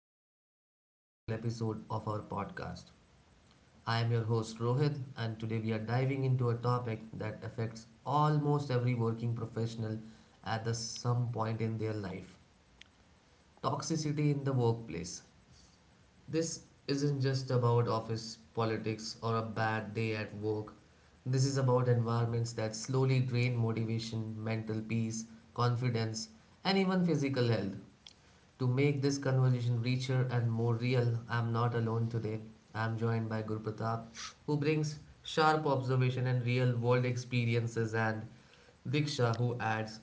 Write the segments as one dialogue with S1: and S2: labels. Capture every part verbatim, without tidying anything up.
S1: to the another powerful episode of our podcast. I am your host Rohit, and today we are diving into a topic that affects almost every working professional at the some point in their life, toxicity in the workplace. This isn't just about office politics or a bad day at work. This is about environments that slowly drain motivation, mental peace, confidence, and even physical health. To make this conversation richer and more real, I'm not alone today. I'm joined by Guru Pratap, who brings sharp observation and real world experiences, and Diksha, who adds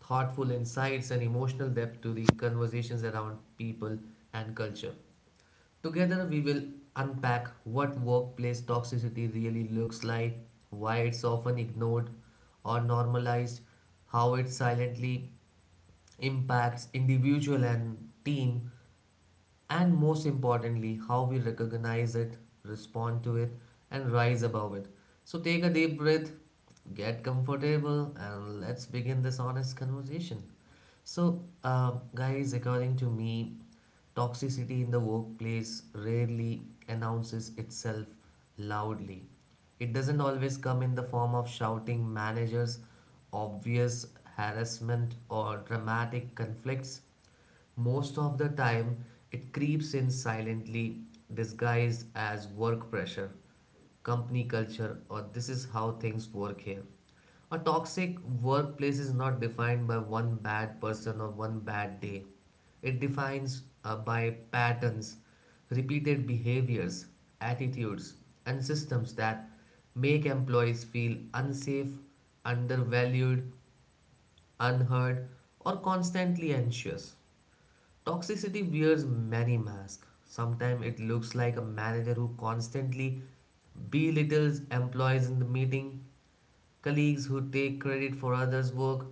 S1: thoughtful insights and emotional depth to the conversations around people and culture. Together, we will unpack what workplace toxicity really looks like, why it's often ignored or normalized, how it silently impacts individual and team, and most importantly, how we recognize it, respond to it, and rise above it. So, take a deep breath, get comfortable, and let's begin this honest conversation. So, uh, guys, according to me, toxicity in the workplace rarely announces itself loudly. It doesn't always come in the form of shouting managers, obvious harassment, or dramatic conflicts. Most of the time, it creeps in silently, disguised as work pressure, company culture, or this is how things work here. A toxic workplace is not defined by one bad person or one bad day. It defines uh, by patterns, repeated behaviors, attitudes, and systems that make employees feel unsafe, undervalued, unheard, or constantly anxious. Toxicity wears many masks. Sometimes it looks like a manager who constantly belittles employees in the meeting, colleagues who take credit for others' work,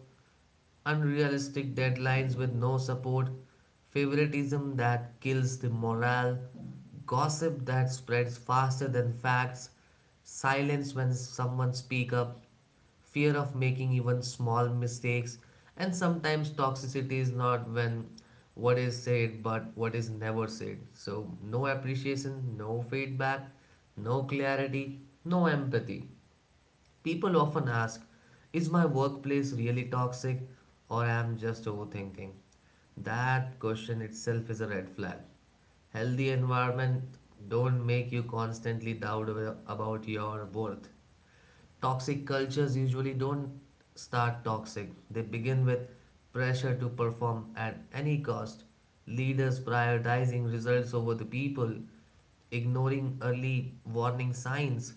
S1: unrealistic deadlines with no support, favoritism that kills the morale, gossip that spreads faster than facts, silence when someone speaks up, fear of making even small mistakes, and sometimes toxicity is not when what is said but what is never said. So, no appreciation, no feedback, no clarity, no empathy. People often ask, is my workplace really toxic or I am just overthinking? That question itself is a red flag. Healthy environment don't make you constantly doubt about your worth. Toxic cultures usually don't start toxic, they begin with pressure to perform at any cost, leaders prioritizing results over the people, ignoring early warning signs,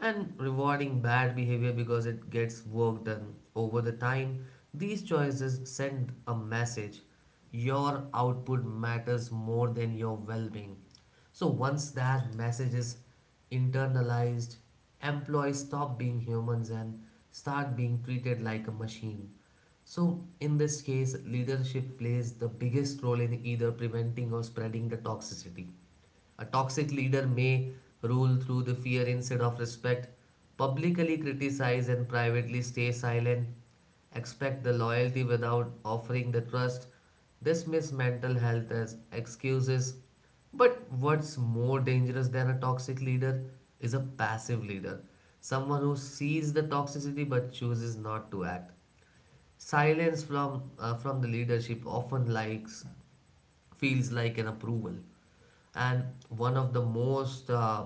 S1: and rewarding bad behavior because it gets work done. Over the time, these choices send a message, your output matters more than your well being. So once that message is internalized, employees stop being humans and start being treated like a machine. So in this case, leadership plays the biggest role in either preventing or spreading the toxicity. A toxic leader may rule through the fear instead of respect, publicly criticize and privately stay silent, expect the loyalty without offering the trust, dismiss mental health as excuses, but what's more dangerous than a toxic leader is a passive leader, someone who sees the toxicity but chooses not to act. Silence from uh, from the leadership often likes feels like an approval, and one of the most uh,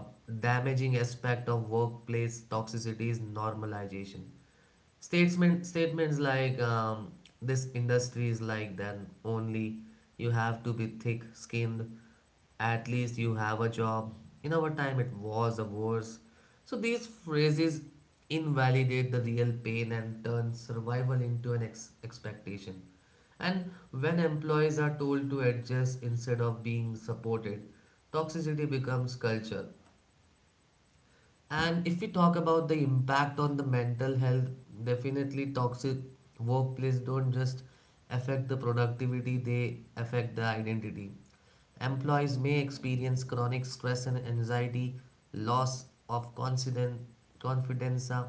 S1: damaging aspect of workplace toxicity is normalization. Statement statements like um, this industry is like, then only you have to be thick-skinned. At least you have a job. In our time, it was a worse. So these phrases invalidate the real pain and turn survival into an ex- expectation. And when employees are told to adjust instead of being supported, toxicity becomes culture. And if we talk about the impact on the mental health, definitely toxic workplace don't just affect the productivity, they affect the identity. Employees may experience chronic stress and anxiety, loss of confidence, confidence uh,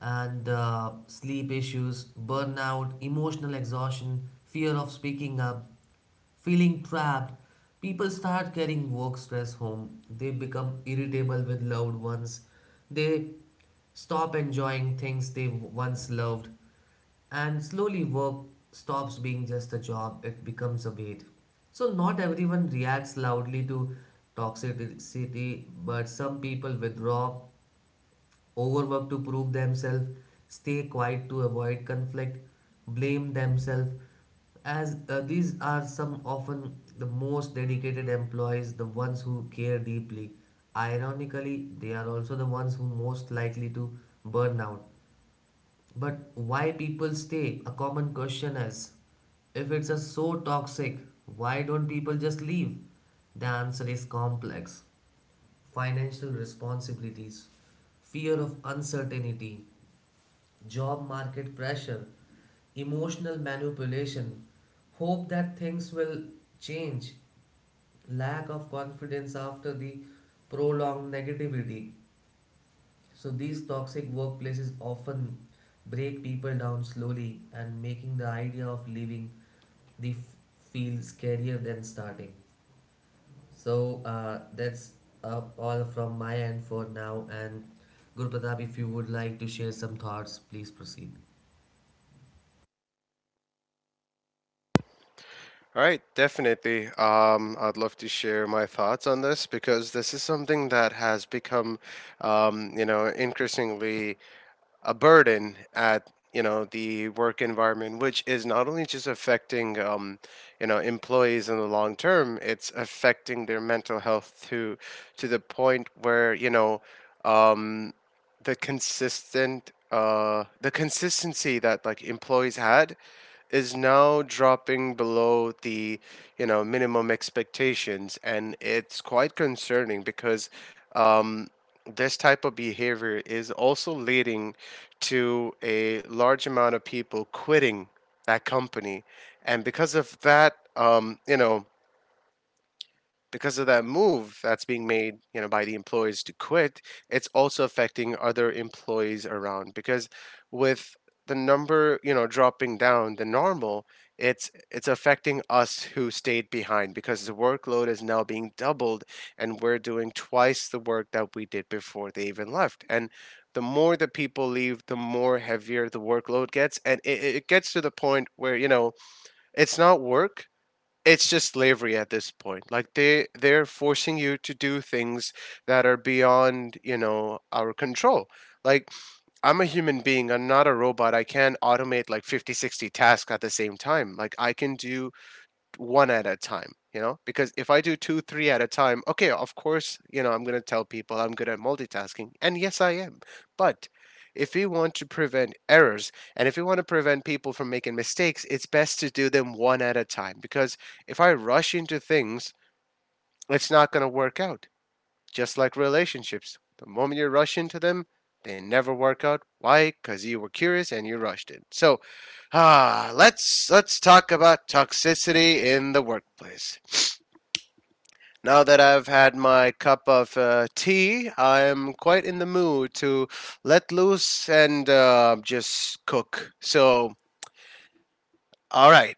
S1: and uh, sleep issues, burnout, emotional exhaustion, fear of speaking up, feeling trapped. People start carrying work stress home. They become irritable with loved ones. They stop enjoying things they once loved. And slowly, work stops being just a job, it becomes a weight. So, not everyone reacts loudly to toxicity, but some people withdraw, overwork to prove themselves, stay quiet to avoid conflict, blame themselves. As uh, These are some often the most dedicated employees, the ones who care deeply. Ironically, they are also the ones who most likely to burn out. But why people stay? A common question is if it's a so toxic, why don't people just leave? The answer is complex, financial responsibilities, fear of uncertainty, job market pressure, emotional manipulation, hope that things will change, lack of confidence after the prolonged negativity. So, these toxic workplaces often break people down slowly and making the idea of leaving the f- feel scarier than starting. So uh, that's uh, all from my end for now. And Guru Pratap, if you would like to share some thoughts, please proceed.
S2: All right, definitely. Um, I'd love to share my thoughts on this because this is something that has become, um, you know, increasingly a burden at you know the work environment, which is not only just affecting um, you know employees. In the long term, it's affecting their mental health to to the point where you know um, the consistent uh, the consistency that like employees had is now dropping below the you know minimum expectations, and it's quite concerning because um, this type of behavior is also leading to a large amount of people quitting that company. And because of that, um, you know, because of that move that's being made, you know, by the employees to quit, it's also affecting other employees around because with the number, you know, dropping down the normal, it's it's affecting us who stayed behind because the workload is now being doubled and we're doing twice the work that we did before they even left. And the more the people leave, the more heavier the workload gets, and it, it gets to the point where, you know, it's not work, it's just slavery at this point. Like they they're forcing you to do things that are beyond you know our control. Like I'm a human being, I'm not a robot. I can't automate like fifty, sixty tasks at the same time. Like I can do one at a time, you know because if I do two three at a time, okay, of course, you know I'm going to tell people I'm good at multitasking, and yes I am. But if we want to prevent errors, and if we want to prevent people from making mistakes, it's best to do them one at a time, because if I rush into things, it's not going to work out. Just like relationships, the moment you rush into them, they never work out. Why? Because you were curious and you rushed it. So, ah, let's let's talk about toxicity in the workplace. Now that I've had my cup of uh, tea, I'm quite in the mood to let loose and uh, just cook. So, all right.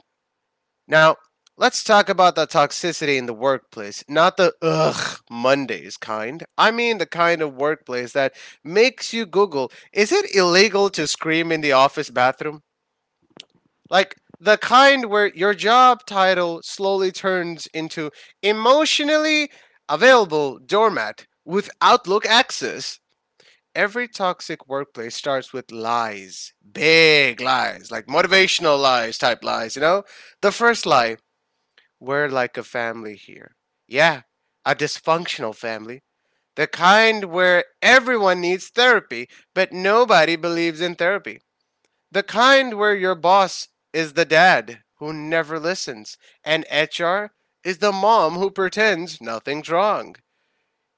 S2: Now, let's talk about the toxicity in the workplace, not the ugh Mondays kind. I mean the kind of workplace that makes you Google, is it illegal to scream in the office bathroom? Like the kind where your job title slowly turns into emotionally available doormat with Outlook access. Every toxic workplace starts with lies, big lies, like motivational lies type lies, you know? The first lie, we're like a family here. Yeah, a dysfunctional family. The kind where everyone needs therapy, but nobody believes in therapy. The kind where your boss is the dad who never listens, and H R is the mom who pretends nothing's wrong.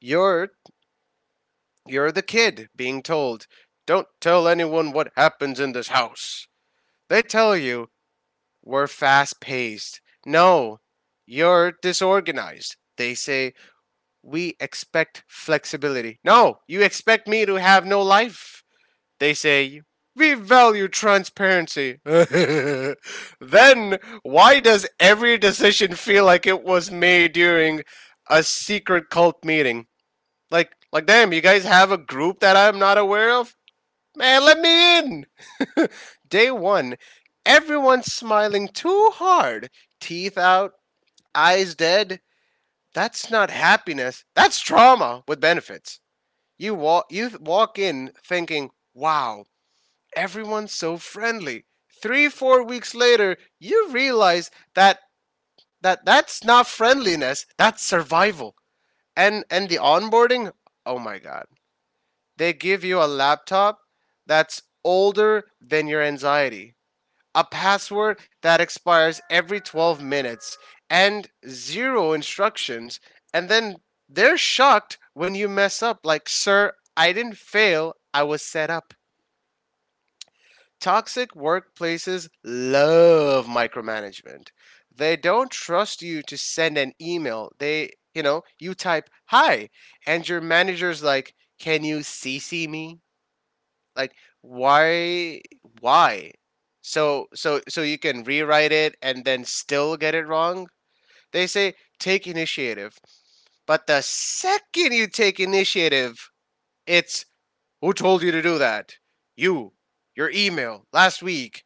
S2: You're you're the kid being told, "Don't tell anyone what happens in this house." They tell you we're fast-paced. No, you're disorganized. They say we expect flexibility. No, you expect me to have no life. They say, we value transparency. Then, why does every decision feel like it was made during a secret cult meeting? Like, like, damn, you guys have a group that I'm not aware of? Man, let me in! Day one, everyone's smiling too hard. Teeth out, eyes dead. That's not happiness. That's trauma with benefits. You walk you walk in thinking, "Wow, everyone's so friendly." three four weeks later, you realize that that that's not friendliness, that's survival. And and the onboarding, oh my god. They give you a laptop that's older than your anxiety, a password that expires every twelve minutes, and zero instructions. And then they're shocked when you mess up, like, sir, I didn't fail, I was set up. Toxic workplaces love micromanagement. They don't trust you to send an email. They, you know, you type hi, and your manager's like, can you C C me? Like why why? So so so you can rewrite it and then still get it wrong? They say take initiative. But the second you take initiative, it's who told you to do that? You, your email last week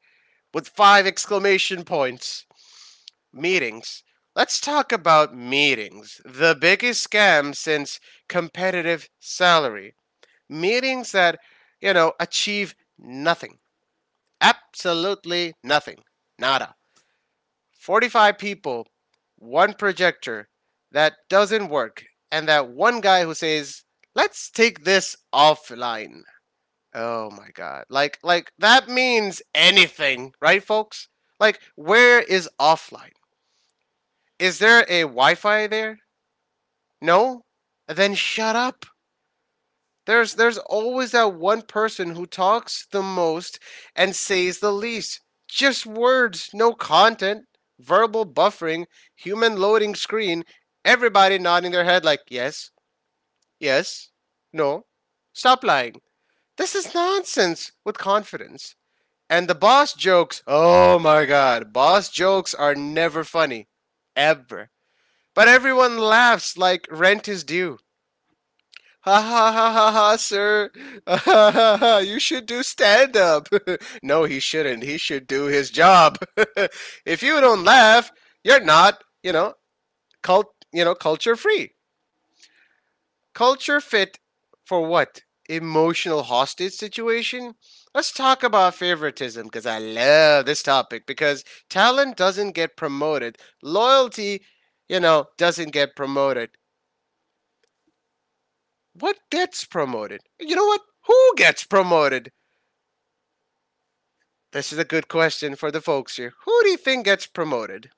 S2: with five exclamation points. Meetings. Let's talk about meetings. The biggest scam since competitive salary. Meetings that, you know, achieve nothing. Absolutely nothing. Nada. forty-five people, one projector that doesn't work, and that one guy who says, let's take this offline. Oh my god. Like like that means anything, right folks? Like where is offline? Is there a Wi-Fi there? No? Then shut up. There's there's always that one person who talks the most and says the least. Just words, no content, verbal buffering, human loading screen, everybody nodding their head like yes, yes, no. Stop lying. This is nonsense with confidence. And the boss jokes, oh my god, boss jokes are never funny. Ever. But everyone laughs like rent is due. Ha ha ha ha ha, sir. Ha ha ha ha. You should do stand up. No, he shouldn't. He should do his job. If you don't laugh, you're not, you know, cult, you know, culture free. Culture fit for what? Emotional hostage situation? Let's talk about favoritism because I love this topic because talent doesn't get promoted. Loyalty, you know, doesn't get promoted. What gets promoted? You know what? Who gets promoted? This is a good question for the folks here. Who do you think gets promoted?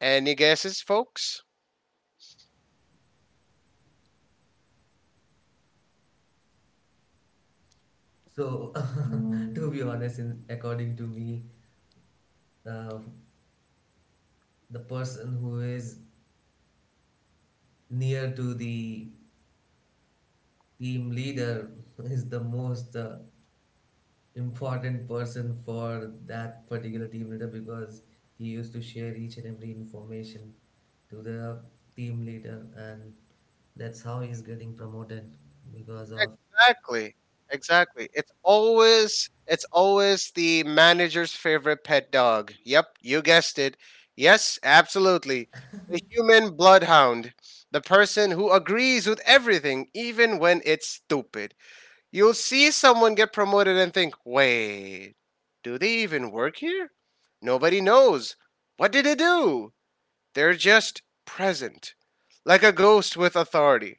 S2: Any guesses, folks?
S1: So, to be honest, in, according to me, uh, the person who is near to the team leader is the most uh, important person for that particular team leader because he used to share each and every information to the team leader and that's how he's getting promoted because of
S2: Exactly. Exactly. It's always it's always the manager's favorite pet dog. Yep, you guessed it. Yes, absolutely. The human bloodhound. The person who agrees with everything even when it's stupid. You'll see someone get promoted and think, "Wait, do they even work here? Nobody knows. What did they do?" They're just present, like a ghost with authority.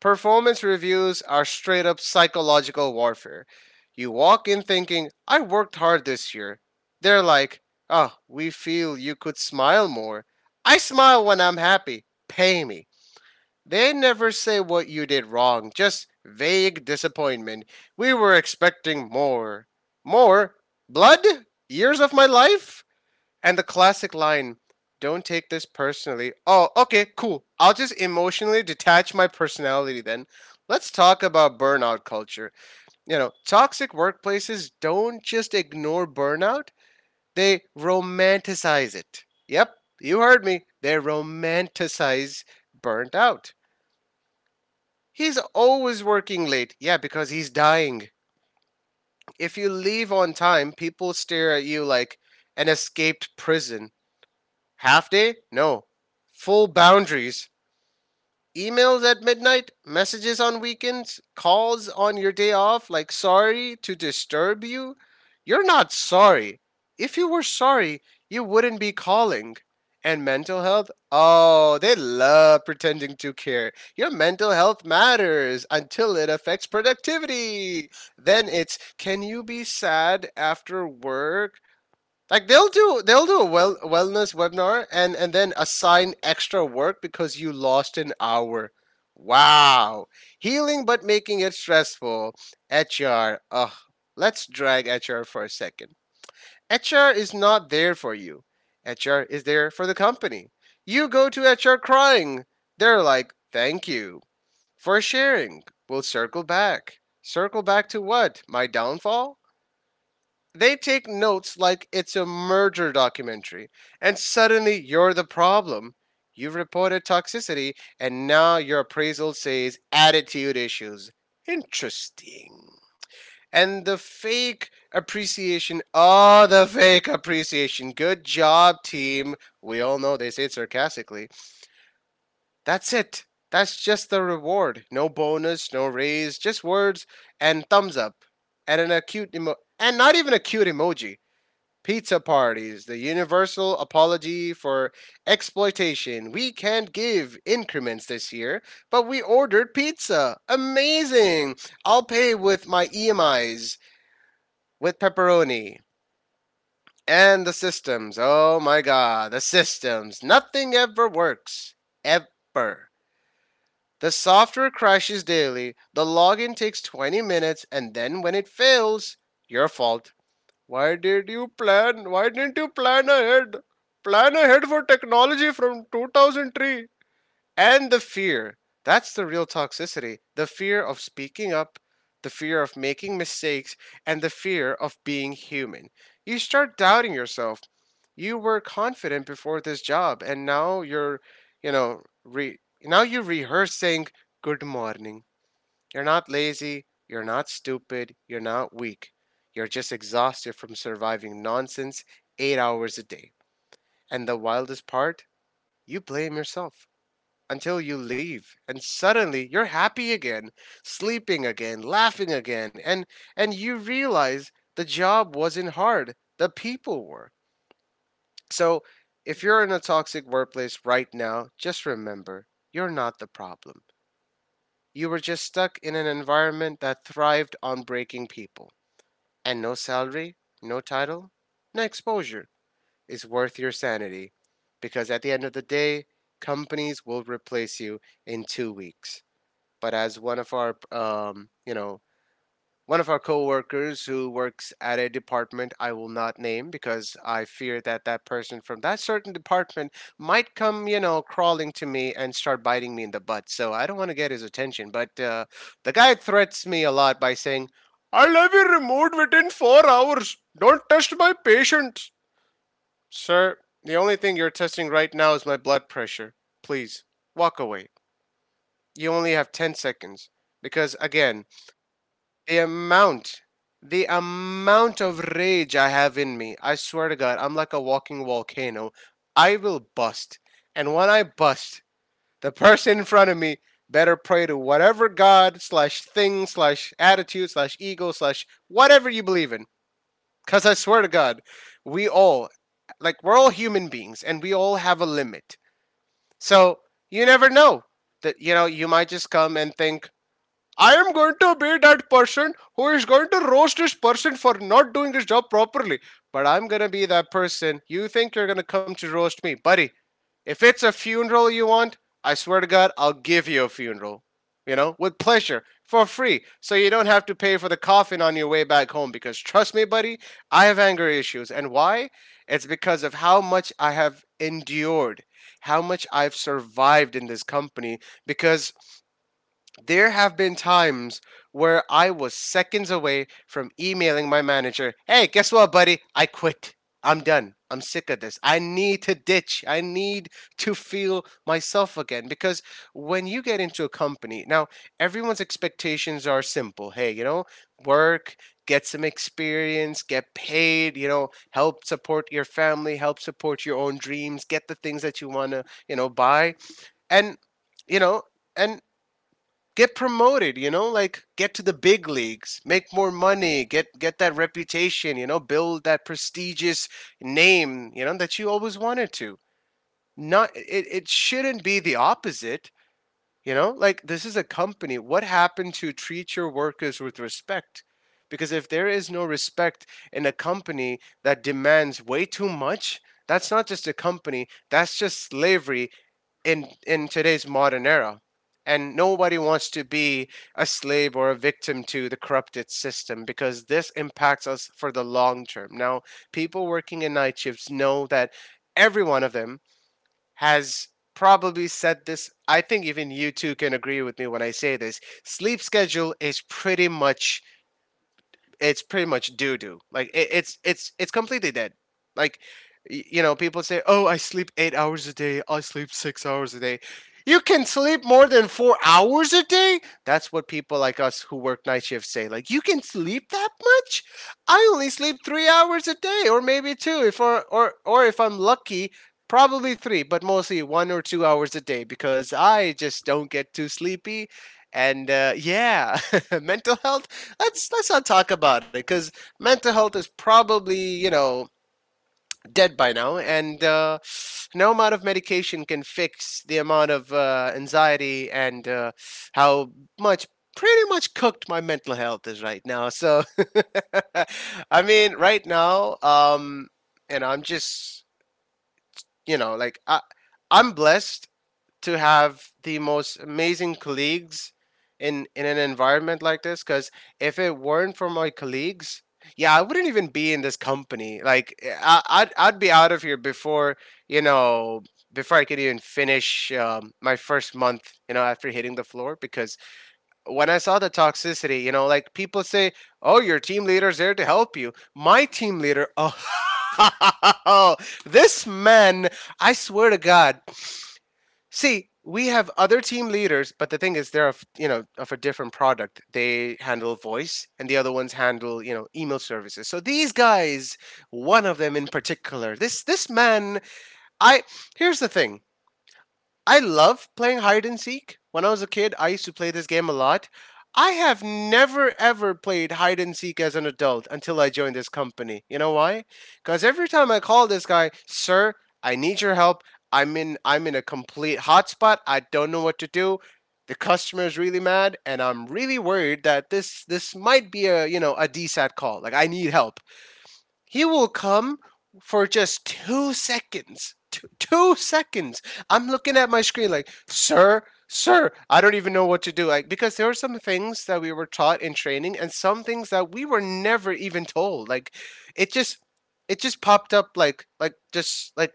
S2: Performance reviews are straight up psychological warfare. You walk in thinking, I worked hard this year. They're like, oh, we feel you could smile more. I smile when I'm happy. Pay me. They never say what you did wrong, just vague disappointment. We were expecting more. More? Blood? Years of my life? And the classic line, don't take this personally. Oh, okay, cool. I'll just emotionally detach my personality then. Let's talk about burnout culture. You know, toxic workplaces don't just ignore burnout, they romanticize it. Yep, you heard me. They romanticize burnt out. He's always working late. Yeah, because he's dying. If you leave on time, people stare at you like an escaped prison. Half day? No. Full boundaries. Emails at midnight, messages on weekends, calls on your day off, like sorry to disturb you. You're not sorry. If you were sorry, you wouldn't be calling. And mental health? Oh, they love pretending to care. Your mental health matters until it affects productivity. Then it's can you be sad after work? Like they'll do they'll do a well wellness webinar and and then assign extra work because you lost an hour. Wow. Healing but making it stressful. H R. Ugh. Let's drag H R for a second. H R is not there for you. H R is there for the company. You go to H R crying. They're like, "Thank you for sharing. We'll circle back." Circle back to what? My downfall? They take notes like it's a murder documentary, and suddenly you're the problem. You've reported toxicity, and now your appraisal says attitude issues. Interesting. And the fake appreciation. Oh, the fake appreciation. Good job, team. We all know they say it sarcastically. That's it. That's just the reward. No bonus, no raise, just words and thumbs up and an acute emo- and not even a cute emoji. Pizza parties, the universal apology for exploitation. We can't give increments this year, but we ordered pizza. Amazing! I'll pay with my E M Is, with pepperoni. And the systems. Oh my god, the systems. Nothing ever works. Ever. The software crashes daily, the login takes twenty minutes, and then when it fails, your fault. Why did you plan? Why didn't you plan ahead? Plan ahead for technology from two thousand three. And the fear. That's the real toxicity. The fear of speaking up, the fear of making mistakes, and the fear of being human. You start doubting yourself. You were confident before this job, and now you're, you know, re- now you rehearse saying good morning. You're not lazy, you're not stupid, you're not weak. You're just exhausted from surviving nonsense eight hours a day. And the wildest part, you blame yourself until you leave and suddenly you're happy again, sleeping again, laughing again, and and you realize the job wasn't hard, the people were. So, if you're in a toxic workplace right now, just remember, you're not the problem. You were just stuck in an environment that thrived on breaking people. And no salary, no title, no exposure is worth your sanity because at the end of the day, companies will replace you in two weeks. But as one of our, um, you know, one of our coworkers who works at a department I will not name because I fear that that person from that certain department might come, you know, crawling to me and start biting me in the butt. So I don't want to get his attention. But uh, the guy threats me a lot by saying, I'll have you removed within four hours. Don't test my patients. Sir, the only thing you're testing right now is my blood pressure. Please, walk away. You only have ten seconds. Because, again, the amount, the amount of rage I have in me, I swear to God, I'm like a walking volcano. I will bust. And when I bust, the person in front of me better pray to whatever God slash thing slash attitude slash ego slash whatever you believe in. Because I swear to God, we all, like, we're all human beings and we all have a limit. So you never know that, you know, you might just come and think, I am going to be that person who is going to roast this person for not doing his job properly. But I'm going to be that person. You think you're going to come to roast me. Buddy, if it's a funeral you want, I swear to God, I'll give you a funeral. You know, with pleasure, for free. So you don't have to pay for the coffin on your way back home. Because trust me, buddy, I have anger issues. And why? It's because of how much I have endured, how much I've survived in this company. Because there have been times where I was seconds away from emailing my manager, hey, guess what, buddy? I quit. I'm done. I'm sick of this. I need to ditch. I need to feel myself again. Because when you get into a company, now everyone's expectations are simple. Hey, you know, work, get some experience, get paid, you know, help support your family, help support your own dreams, get the things that you want to, you know, buy. And, you know, and get promoted, you know, like, get to the big leagues, make more money, get get that reputation, you know, build that prestigious name, you know, that you always wanted to. Not it, it shouldn't be the opposite. You know, like, this is a company. What happened to treat your workers with respect? Because if there is no respect in a company that demands way too much, that's not just a company, that's just slavery in in today's modern era. And nobody wants to be a slave or a victim to the corrupted system because this impacts us for the long term. Now people working in night shifts know that every one of them has probably said this. I think even you two can agree with me when I say this: sleep schedule is pretty much it's pretty much doo doo. Like it, it's it's it's completely dead. Like, y- you know, people say, "Oh, I sleep eight hours a day. I sleep six hours a day." You can sleep more than four hours a day. That's what people like us who work night shifts say. Like, you can sleep that much? I only sleep three hours a day, or maybe two, if or or or if I'm lucky, probably three, but mostly one or two hours a day because I just don't get too sleepy. And uh, yeah, mental health, let's let's not talk about it because mental health is probably, you know, dead by now, and uh, no amount of medication can fix the amount of uh, anxiety and uh, how much pretty much cooked my mental health is right now. So I mean, right now, um, and I'm just, you know, like, I I'm blessed to have the most amazing colleagues in in an environment like this. Because if it weren't for my colleagues, yeah, I wouldn't even be in this company. Like I, I'd, I'd be out of here before, you know, before I could even finish um, my first month, you know, after hitting the floor. Because when I saw the toxicity, you know, like, people say, oh, your team leader's there to help you. My team leader, oh, this man, I swear to God. See, we have other team leaders, but the thing is, they're of, you know, of a different product. They handle voice, and the other ones handle, you know, email services. So these guys, one of them in particular, this this man, I, here's the thing. I love playing hide and seek. When I was a kid, I used to play this game a lot. I have never ever played hide and seek as an adult until I joined this company. You know why? Because every time I call this guy, sir, I need your help. I'm in I'm in a complete hotspot. I don't know what to do. The customer is really mad, and I'm really worried that this this might be a, you know, a D SAT call. Like, I need help. He will come for just two seconds. Two, two seconds. I'm looking at my screen like, sir, sir, I don't even know what to do. Like, because there were some things that we were taught in training and some things that we were never even told. Like, it just, it just popped up like, like, just like,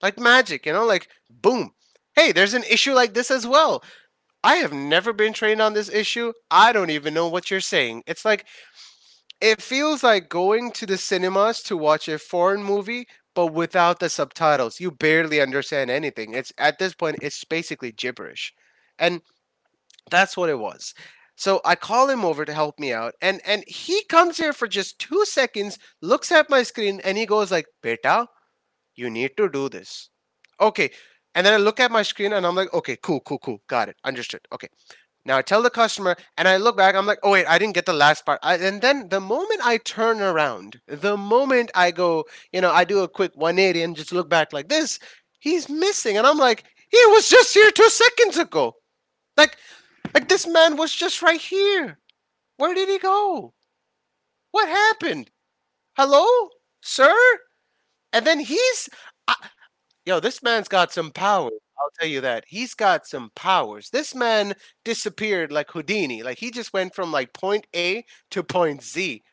S2: like magic, you know, like, boom. Hey, there's an issue like this as well. I have never been trained on this issue. I don't even know what you're saying. It's like, it feels like going to the cinemas to watch a foreign movie, but without the subtitles. You barely understand anything. It's at this point, it's basically gibberish, and that's what it was. So I call him over to help me out, and and he comes here for just two seconds, looks at my screen, and he goes like, "Beta, you need to do this." Okay. And then I look at my screen and I'm like, okay, cool, cool, cool. Got it. Understood. Okay. Now I tell the customer, and I look back, I'm like, oh, wait, I didn't get the last part. I, and then the moment I turn around, the moment I go, you know, I do a quick one eighty and just look back like this, he's missing. And I'm like, he was just here two seconds ago. Like, like this man was just right here. Where did he go? What happened? Hello? Sir? And then he's Yo, this man's got some power. I'll tell you that. He's got some powers. This man disappeared like Houdini. Like, he just went from, like, point A to point Z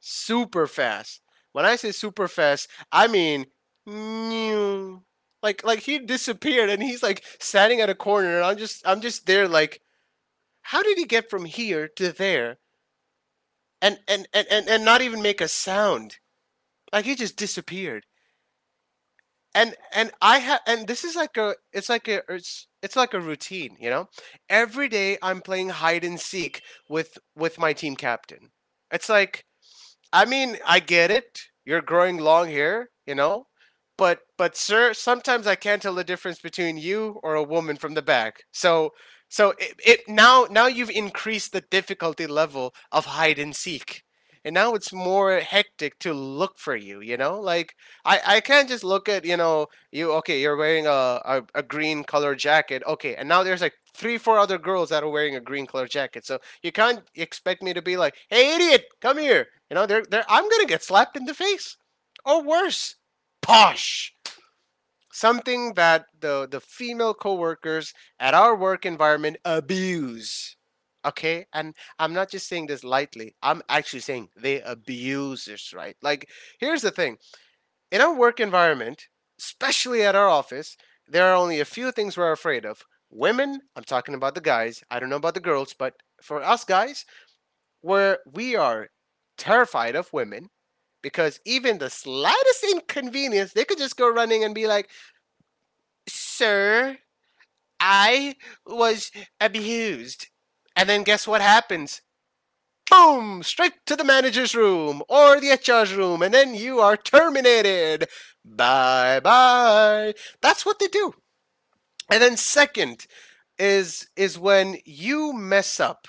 S2: super fast. When I say super fast, I mean meow. Like, like he disappeared and he's, like, standing at a corner and I'm just I'm just there like, how did he get from here to there and and and and, and not even make a sound? Like, he just disappeared. and and I have, and this is like a, it's like a it's it's like a routine, you know, every day I'm playing hide and seek with with my team captain. It's like, I mean, I get it. You're growing long hair, you know, but but sir, sometimes I can't tell the difference between you or a woman from the back. So so it, it now now you've increased the difficulty level of hide and seek. And now it's more hectic to look for you, you know? Like I, I can't just look at, you know, you, okay, you're wearing a, a, a green color jacket. Okay, and now there's like three, four other girls that are wearing a green color jacket. So you can't expect me to be like, "Hey, idiot, come here." You know, they're, they're I'm gonna get slapped in the face, or worse, posh. Something that the the female coworkers at our work environment abuse. Okay, and I'm not just saying this lightly. I'm actually saying they abuse this, right? Like, here's the thing: in our work environment, especially at our office, there are only a few things we're afraid of. Women, I'm talking about the guys. I don't know about the girls, but for us guys, where we are terrified of women because even the slightest inconvenience, they could just go running and be like, sir, I was abused. And then guess what happens? Boom! Straight to the manager's room or the H R's room, and then you are terminated. Bye bye. That's what they do. And then second is is when you mess up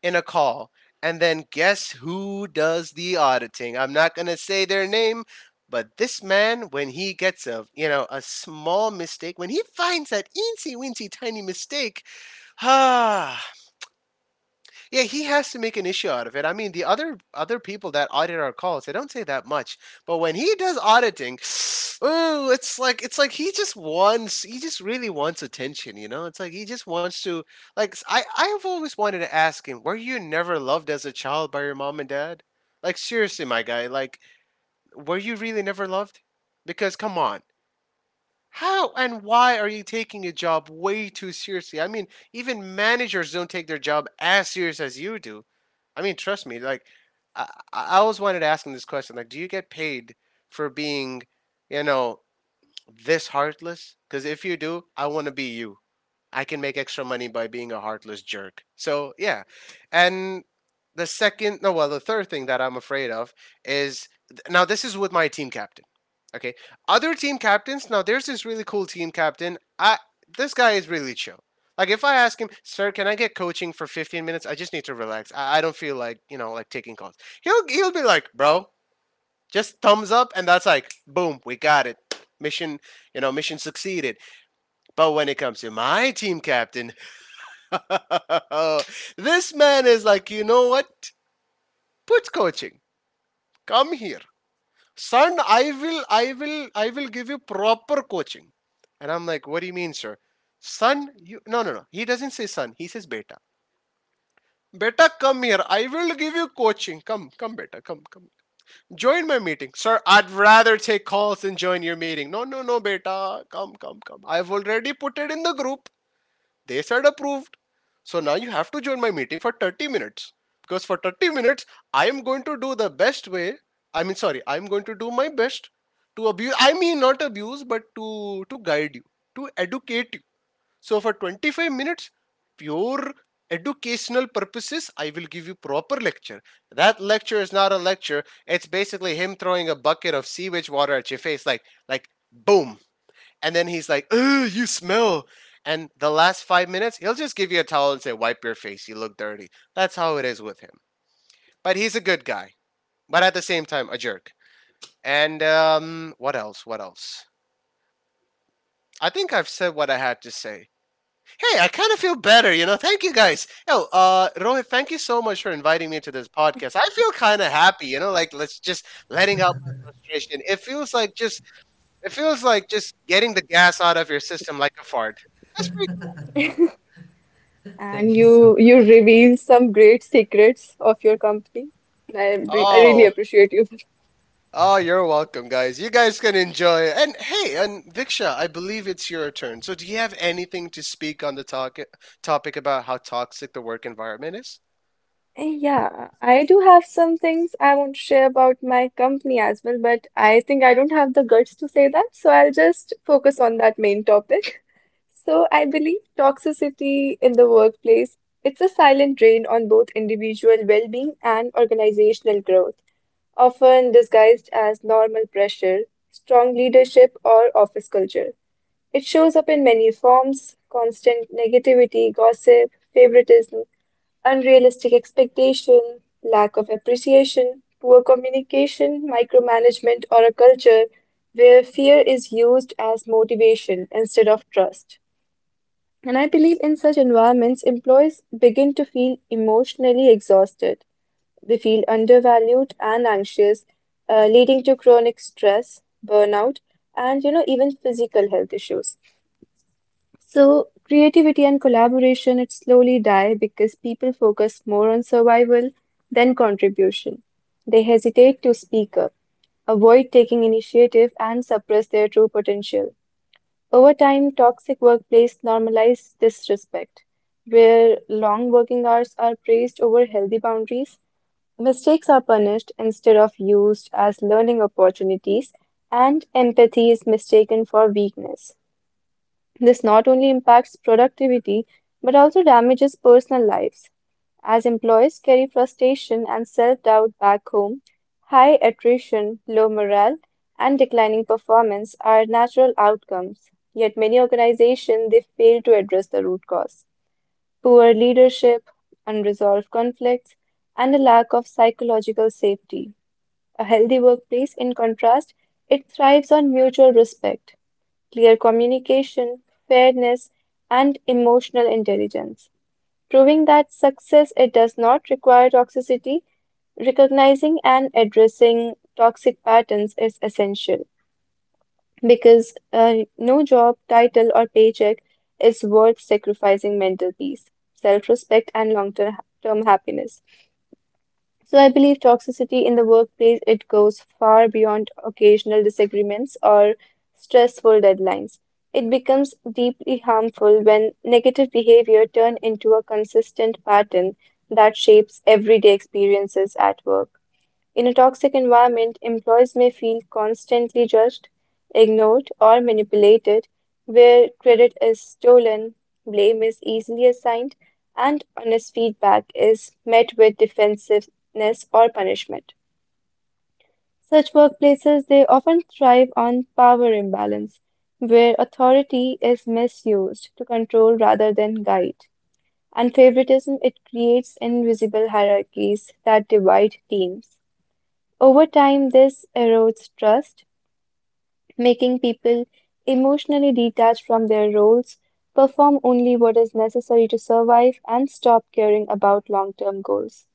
S2: in a call. And then guess who does the auditing? I'm not going to say their name, but this man, when he gets a, you know, a small mistake, when he finds that eensy weensy tiny mistake, ah, yeah, he has to make an issue out of it. I mean, the other other people that audit our calls, they don't say that much, but when he does auditing, ooh, it's like it's like he just wants he just really wants attention, you know? It's like he just wants to like I—I I I've always wanted to ask him, were you never loved as a child by your mom and dad? Like seriously, my guy, like were you really never loved? Because come on. How and why are you taking a job way too seriously? I mean, even managers don't take their job as serious as you do. I mean, trust me. Like, I, I always wanted to ask him this question. Like, do you get paid for being, you know, this heartless? Because if you do, I want to be you. I can make extra money by being a heartless jerk. So yeah, and the second, no, well, the third thing that I'm afraid of is, now this is with my team captain. Okay, other team captains. Now there's this really cool team captain. I, this guy is really chill. Like if I ask him, sir, can I get coaching for fifteen minutes? I just need to relax. I, I don't feel like you know like taking calls. He'll he'll be like, bro, just thumbs up, and that's like, boom, we got it. Mission, you know, mission succeeded. But when it comes to my team captain, oh, this man is like, you know what? Put coaching. Come here. Son, I will I will I will give you proper coaching. And I'm like, what do you mean, sir? Son, you, no no no. He doesn't say son, he says beta. Beta, come here. I will give you coaching. Come, come, beta, come, come. Join my meeting. Sir, I'd rather take calls than join your meeting. No, no, no, beta. Come, come, come. I've already put it in the group. They said approved. So now you have to join my meeting for thirty minutes. Because for thirty minutes, I am going to do the best way. I mean, sorry, I am going to do my best to abuse. I mean, not abuse, but to, to guide you, to educate you. So for twenty-five minutes, pure educational purposes, I will give you proper lecture. That lecture is not a lecture. It's basically him throwing a bucket of sewage water at your face, like like boom, and then he's like, "Ugh, you smell." And the last five minutes, he'll just give you a towel and say, "Wipe your face. You look dirty." That's how it is with him. But he's a good guy, but at the same time, a jerk. And um, what else? What else? I think I've said what I had to say. Hey, I kind of feel better, you know. Thank you guys. Yo, uh, Rohit, thank you so much for inviting me to this podcast. I feel kind of happy, you know, like let's just letting out my frustration. It feels like just it feels like just getting the gas out of your system like a fart. That's pretty cool.
S3: And
S1: thank you so
S3: you you
S1: much.
S3: reveal some great secrets of your company. I re I really
S2: Oh,
S3: appreciate you.
S2: oh, you're welcome, guys. You guys can enjoy. And hey, and Viksha, I believe it's your turn. So, do you have anything to speak on the talk topic about how toxic the work environment is?
S3: Eh, Yeah, I do have some things I want to share about my company as well, but I think I don't have the guts to say that, so I'll just focus on that main topic. So I believe toxicity in the workplace, it's a silent drain on both individual well-being and organizational growth, often disguised as normal pressure, strong leadership, or office culture. It shows up in many forms: constant negativity, gossip, favoritism, unrealistic expectation, lack of appreciation, poor communication, micromanagement, or a culture where fear is used as motivation instead of trust. And I believe in such environments, employees begin to feel emotionally exhausted. They feel undervalued and anxious, uh, leading to chronic stress, burnout, and you know even physical health issues. So creativity and collaboration it slowly die because people focus more on survival than contribution. They hesitate to speak up, avoid taking initiative, and suppress their true potential. Over time, toxic workplace normalize disrespect, where long working hours are praised over healthy boundaries, mistakes are punished instead of used as learning opportunities, and empathy is mistaken for weakness. This not only impacts productivity but also damages personal lives. As employees carry frustration and self doubt back home, high attrition, low morale, and declining performance are natural outcomes. Yet many organizations they fail to address the root cause: poor leadership, unresolved conflicts, and a lack of psychological safety. A healthy workplace, in contrast, it thrives on mutual respect, clear communication, fairness, and emotional intelligence, proving that success it does not require toxicity. Recognizing and addressing toxic patterns is essential because uh, no job, title, or paycheck is worth sacrificing mental peace, self-respect, and long-term term happiness. So I believe toxicity in the workplace it goes far beyond occasional disagreements or stressful deadlines. It becomes deeply harmful when negative behavior turn into a consistent pattern that shapes everyday experiences at work. In a toxic environment, employees may feel constantly judged, ignored, or manipulated, where credit is stolen, blame is easily assigned, and honest feedback is met with defensiveness or punishment. Such workplaces, they often thrive on power imbalance, where authority is misused to control rather than guide. And favoritism, it creates invisible hierarchies that divide teams. Over time, this erodes trust, making people emotionally detached from their roles, perform only what is necessary to survive, and stop caring about long-term goals.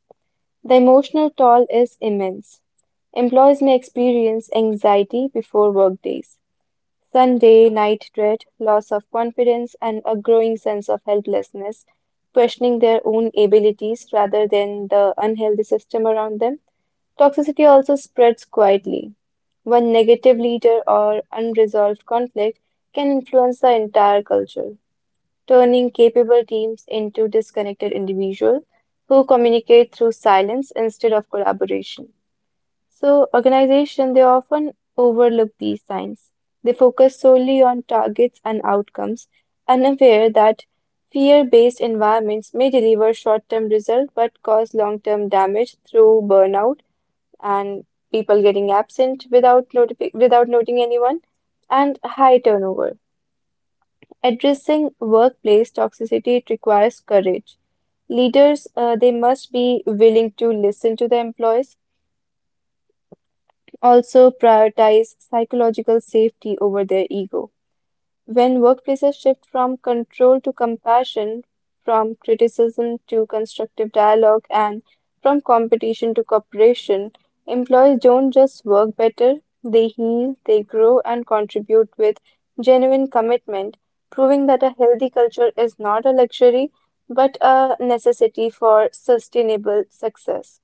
S3: The emotional toll is immense. Employees may experience anxiety before workdays, Sunday night dread, loss of confidence, and a growing sense of helplessness, questioning their own abilities rather than the unhealthy system around them. Toxicity also spreads quietly. One negative leader or unresolved conflict can influence the entire culture, turning capable teams into disconnected individuals who communicate through silence instead of collaboration. So, organizations they often overlook these signs. They focus solely on targets and outcomes, unaware that fear-based environments may deliver short-term results but cause long-term damage through burnout and people getting absent without notifi without noting anyone, and high turnover. Addressing workplace toxicity requires courage. Leaders, uh, they must be willing to listen to the employees, also prioritize psychological safety over their ego. When workplaces shift from control to compassion, from criticism to constructive dialogue, and from competition to cooperation, employees don't just work better, they heal, they grow, and contribute with genuine commitment, proving that a healthy culture is not a luxury but a necessity for sustainable success.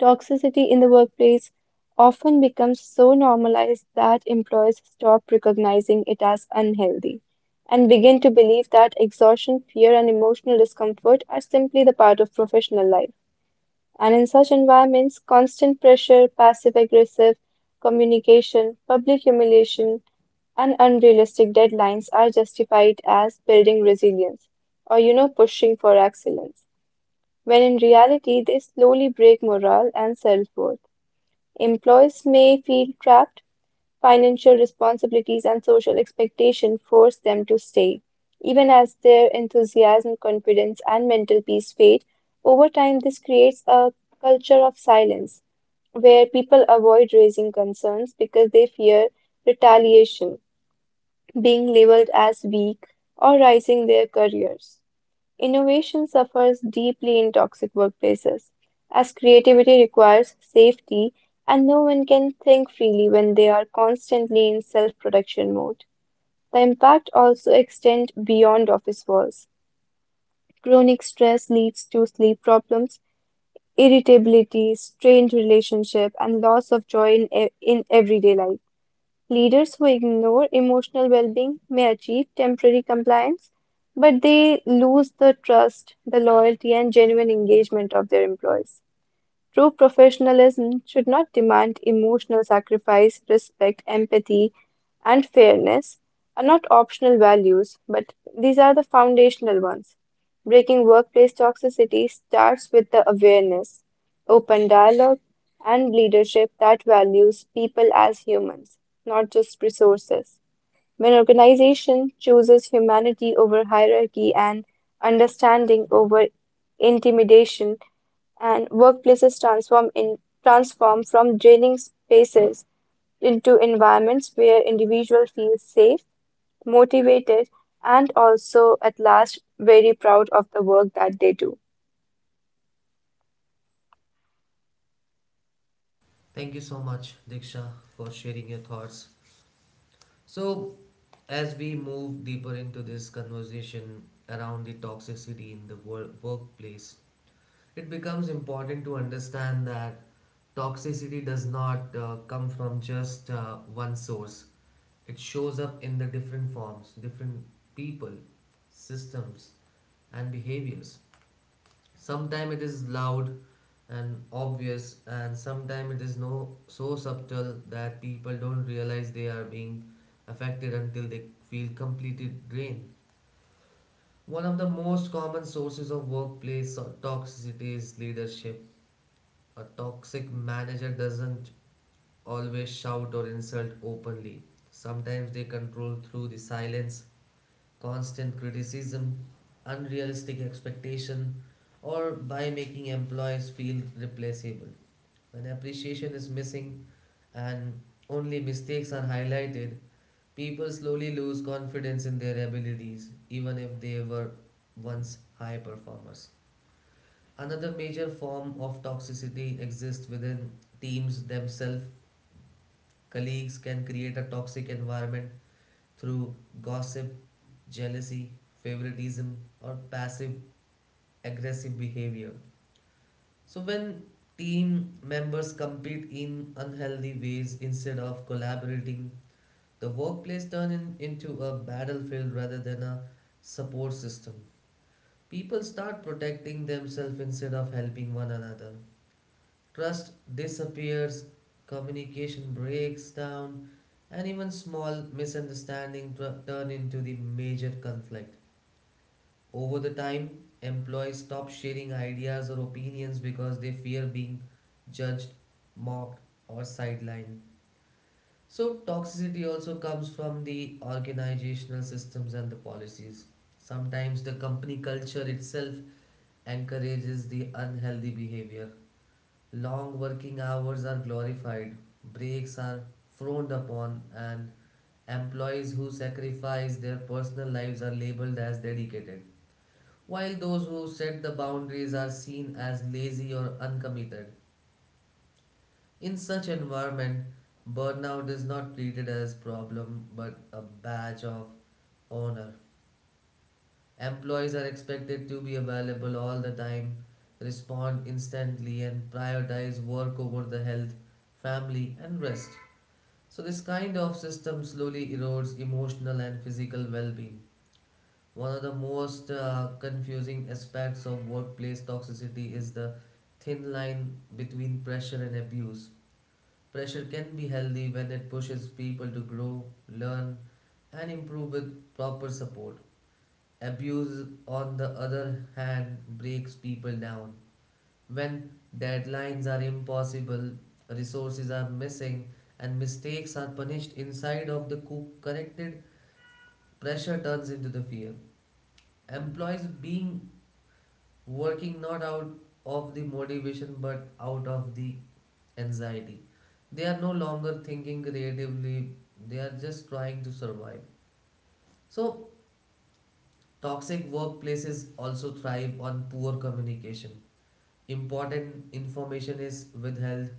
S3: Toxicity in the workplace often becomes so normalized that employers stop recognizing it as unhealthy and begin to believe that exhaustion, fear, and emotional discomfort are simply the part of professional life. And in such environments, constant pressure, passive aggressive communication, public humiliation, and unrealistic deadlines are justified as building resilience or, you know, pushing for excellence, when in reality they slowly break morale and self worth. Employees may feel trapped; financial responsibilities and social expectation force them to stay, even as their enthusiasm, confidence, and mental peace fade. Over time this creates a culture of silence where people avoid raising concerns because they fear retaliation, being labeled as weak, or rising their careers. Innovation suffers deeply in toxic workplaces, as creativity requires safety, and no one can think freely when they are constantly in self-protection mode. The impact also extends beyond office walls. Chronic stress leads to sleep problems, irritability, strained relationship, and loss of joy in, e- in everyday life. Leaders who ignore emotional well-being may achieve temporary compliance, but they lose the trust, the loyalty, and genuine engagement of their employees. True professionalism should not demand emotional sacrifice; respect, empathy, and fairness are not optional values, but these are the foundational ones. Breaking workplace toxicity starts with the awareness, open dialogue, and leadership that values people as humans, not just resources. When organization chooses humanity over hierarchy, and understanding over intimidation, and workplaces transform in transform from draining spaces into environments where individuals feel safe, motivated, and also at last very proud of the work that they do.
S1: Thank you so much, Diksha, for sharing your thoughts. So as we move deeper into this conversation around the toxicity in the wor- workplace, it becomes important to understand that toxicity does not uh, come from just uh, one source. It shows up in the different forms, different people, systems, and behaviors. Sometimes it is loud and obvious, and sometimes it is no so subtle that people don't realize they are being affected until they feel completely drained. One of the most common sources of workplace toxicity is leadership. A toxic manager doesn't always shout or insult openly. Sometimes they control through the silence, constant criticism, unrealistic expectation, or by making employees feel replaceable. When appreciation is missing and only mistakes are highlighted, people slowly lose confidence in their abilities, even if they were once high performers. Another major form of toxicity exists within teams themselves. Colleagues can create a toxic environment through gossip, jealousy, favoritism, or passive aggressive behavior. So, when team members compete in unhealthy ways instead of collaborating, the workplace turns in, into a battlefield rather than a support system. People start protecting themselves instead of helping one another. Trust disappears, communication breaks down, and even small misunderstandings tr- turn into the major conflict. Over the time, employees stop sharing ideas or opinions because they fear being judged, mocked, or sidelined. So, toxicity also comes from the organizational systems and the policies. Sometimes the company culture itself encourages the unhealthy behavior. Long working hours are glorified, breaks are frowned upon, and employees who sacrifice their personal lives are labeled as dedicated, while those who set the boundaries are seen as lazy or uncommitted. In such environment, burnout is not treated as problem but a badge of honor. Employees are expected to be available all the time, respond instantly, and prioritize work over the health, family, and rest. So, this kind of system slowly erodes emotional and physical well being. One of the most uh, confusing aspects of workplace toxicity is the thin line between pressure and abuse. Pressure can be healthy when it pushes people to grow, learn, and improve with proper support. Abuse, on the other hand, breaks people down. When deadlines are impossible, resources are missing, and mistakes are punished inside of the co- corrected, pressure turns into the fear. Employees being working not out of the motivation but out of the anxiety. They are no longer thinking creatively, they are just trying to survive. So, toxic workplaces also thrive on poor communication. Important information is withheld,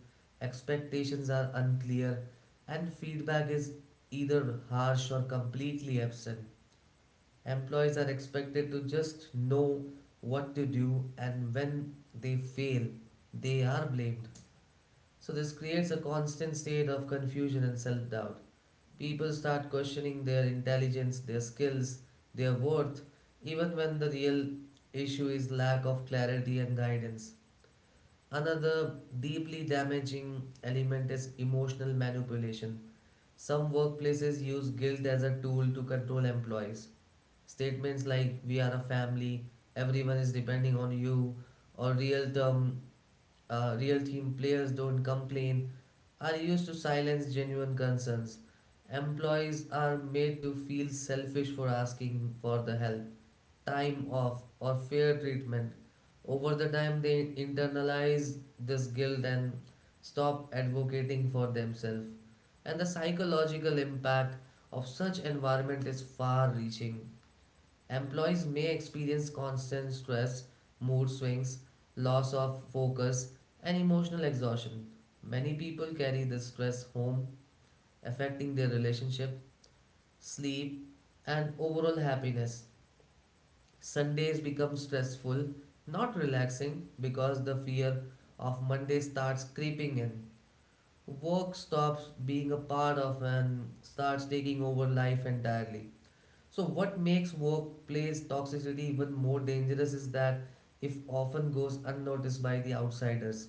S1: expectations are unclear, and feedback is either harsh or completely absent. Employees are expected to just know what to do, and when they fail, they are blamed. So, this creates a constant state of confusion and self doubt. People start questioning their intelligence, their skills, their worth, even when the real issue is lack of clarity and guidance. Another deeply damaging element is emotional manipulation. Some workplaces use guilt as a tool to control employees. Statements like, we are a family, everyone is depending on you, or real term, uh, real team players don't complain, are used to silence genuine concerns. Employees are made to feel selfish for asking for the help, time off, or fair treatment. Over the time, they internalize this guilt and stop advocating for themselves. And the psychological impact of such environment is far reaching. Employees may experience constant stress, mood swings, loss of focus, and emotional exhaustion. Many people carry this stress home, affecting their relationship, sleep, and overall happiness. Sundays become stressful, not relaxing because the fear of Monday starts creeping in. Work stops being a part of and starts taking over life entirely. So, what makes workplace toxicity even more dangerous is that if often goes unnoticed by the outsiders.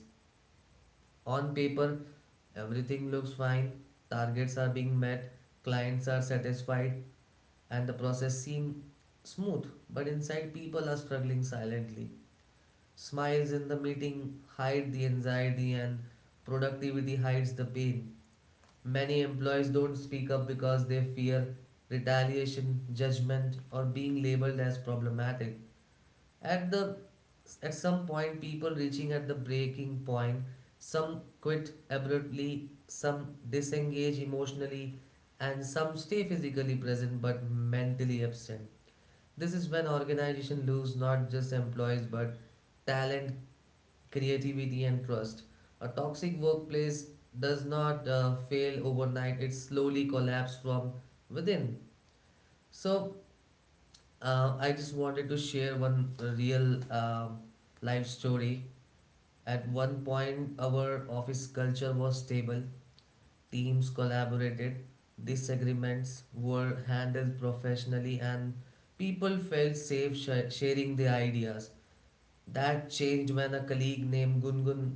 S1: On paper, everything looks fine, targets are being met, clients are satisfied, and the process seems smooth, but inside people are struggling silently. Smiles in the meeting hide the anxiety and productivity hides the pain. Many employees don't speak up because they fear retaliation, judgment or being labeled as problematic. At the at some point people reaching at the breaking point, some quit abruptly, some disengage emotionally and some stay physically present but mentally absent. This is when organization lose not just employees but talent, creativity, and trust. A toxic workplace does not uh, fail overnight, it slowly collapses from within. So, uh, I just wanted to share one real um life story. At one point, our office culture was stable, teams collaborated, disagreements were handled professionally, and people felt safe sh- sharing their ideas. That changed when a colleague named Gungun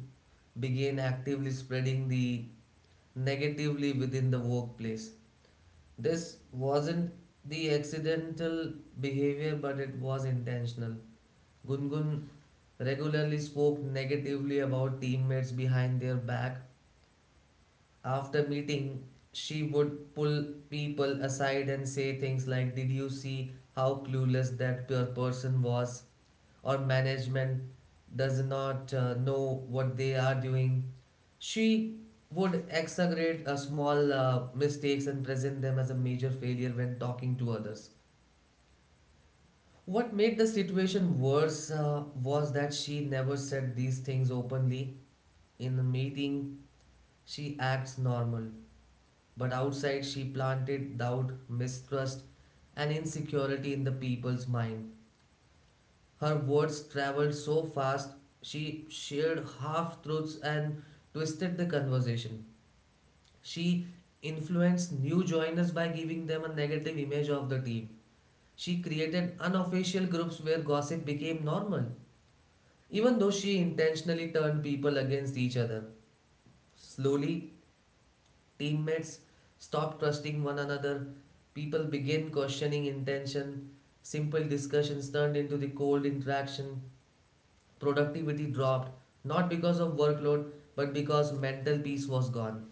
S1: began actively spreading the negatively within the workplace. This wasn't the accidental behavior, but it was intentional. Gungun regularly spoke negatively about teammates behind their back. After meeting, she would pull people aside and say things like, "Did you see how clueless that per- person was?" Or, management does not uh, know what they are doing. She would exaggerate uh, small uh, mistakes and present them as a major failure when talking to others. What made the situation worse uh, was that she never said these things openly. In a meeting, she acts normal, but outside, she planted doubt, mistrust, and insecurity in the people's mind. Her words traveled so fast, she shared half truths and twisted the conversation. She influenced new joiners by giving them a negative image of the team. She created unofficial groups where gossip became normal, even though she intentionally turned people against each other. Slowly, teammates stop trusting one another. People begin questioning intention. Simple discussions turned into the cold interaction. Productivity dropped, not because of workload, but because mental peace was gone.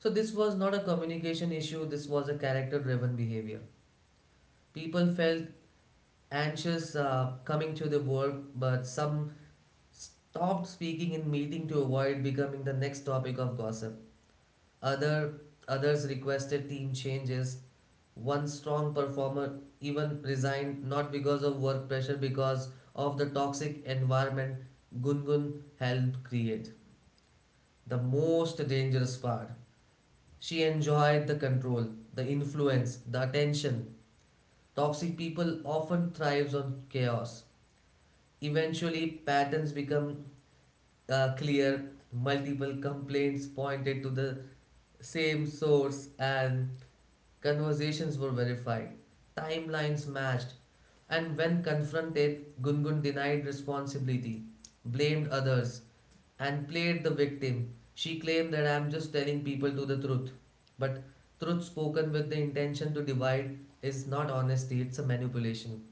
S1: So, this was not a communication issue, this was a character driven behavior. People felt anxious uh, coming to the work, but some stopped speaking in meeting to avoid becoming the next topic of gossip. Other Others requested team changes. One strong performer even resigned not because of work pressure, because of the toxic environment Gungun helped create. The most dangerous part. She enjoyed the control, the influence, the attention. Toxic people often thrives on chaos. Eventually, patterns become uh, clear. Multiple complaints pointed to the same source, and conversations were verified, timelines matched, and when confronted, Gungun denied responsibility, blamed others, and played the victim. She claimed that I am just telling people to the truth. But truth spoken with the intention to divide is not honesty, it's a manipulation.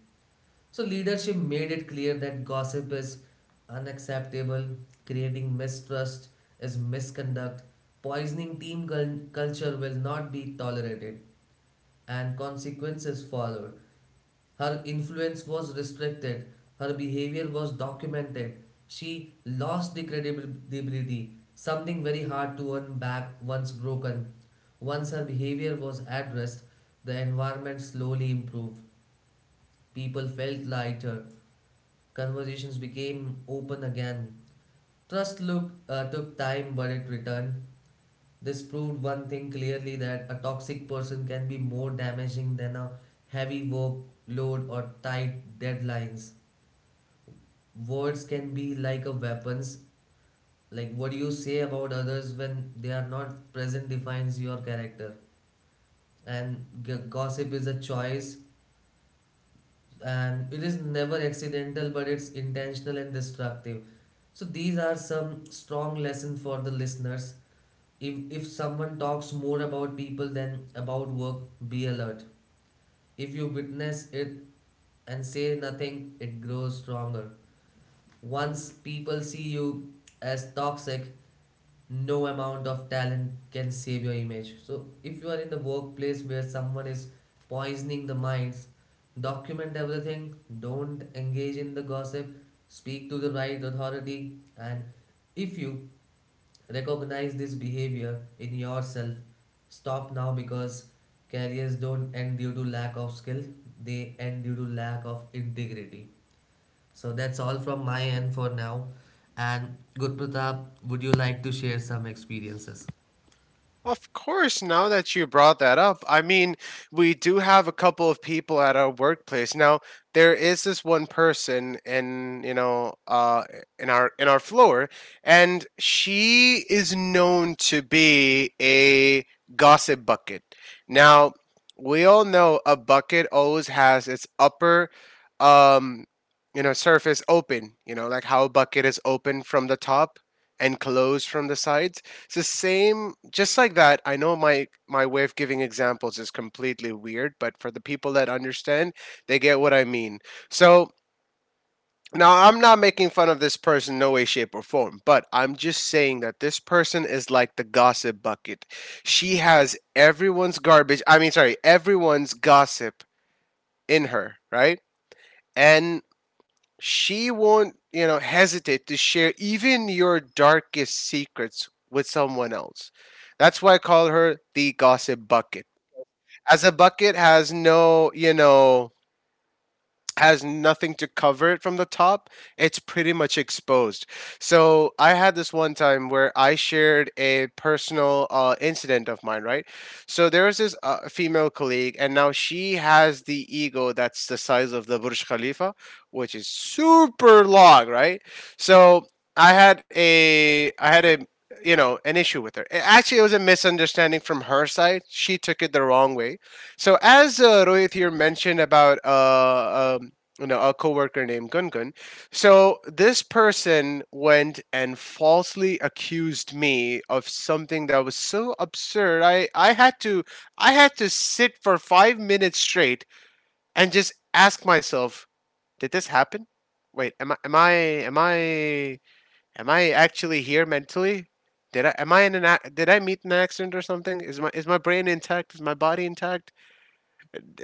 S1: So leadership made it clear that gossip is unacceptable, creating mistrust is misconduct, poisoning team cul- culture will not be tolerated and consequences followed. Her influence was restricted, her behavior was documented. She lost the credibility, something very hard to earn back once broken. Once her behavior was addressed, the environment slowly improved. People felt lighter, conversations became open again. Trust looked, uh, took time, but it returned. This proved one thing clearly that a toxic person can be more damaging than a heavy workload or tight deadlines. Words can be like a weapons. Like what you say about others when they are not present defines your character. And g- gossip is a choice and it is never accidental but it's intentional and destructive. So these are some strong lessons for the listeners. If if someone talks more about people than about work, be alert. If you witness it and say nothing, it grows stronger. Once people see you as toxic, no amount of talent can save your image. So, if you are in the workplace where someone is poisoning the minds, document everything, don't engage in the gossip, speak to the right authority, and if you recognize this behavior in yourself, stop now because careers don't end due to lack of skill, they end due to lack of integrity. So that's all from my end for now. And Guru Pratap, would you like to share some experiences?
S2: Of course, now that you brought that up, I mean, we do have a couple of people at our workplace. Now, there is this one person in, you know, uh in our in our floor, and she is known to be a gossip bucket. Now, we all know a bucket always has its upper um you know, surface open, you know, like how a bucket is open from the top and closed from the sides, it's the same, just like that. I know my my way of giving examples is completely weird, but for the people that understand, they get what I mean. So now I'm not making fun of this person, no way, shape, or form, but I'm just saying that this person is like the gossip bucket. She has everyone's garbage. I mean, sorry, everyone's gossip in her, right? And she won't, you know, hesitate to share even your darkest secrets with someone else. That's why I call her the gossip bucket. As a bucket has no, you know, has nothing to cover it from the top, it's pretty much exposed. So I had this one time where I shared a personal uh, incident of mine, right? So there was this uh, female colleague, and now she has the ego that's the size of the Burj Khalifa, which is super long, right? So I had a, I had a, you know, an issue with her. A- Actually, it was a misunderstanding from her side. She took it the wrong way. So as uh, Rohit here mentioned about uh, um, you know, a coworker named Gungun. So this person went and falsely accused me of something that was so absurd. I I had to I had to sit for five minutes straight and just ask myself, did this happen? Wait, am I am I am I am I actually here mentally? Did I am I in an, did I meet an accident or something? Is my, is my brain intact? Is my body intact?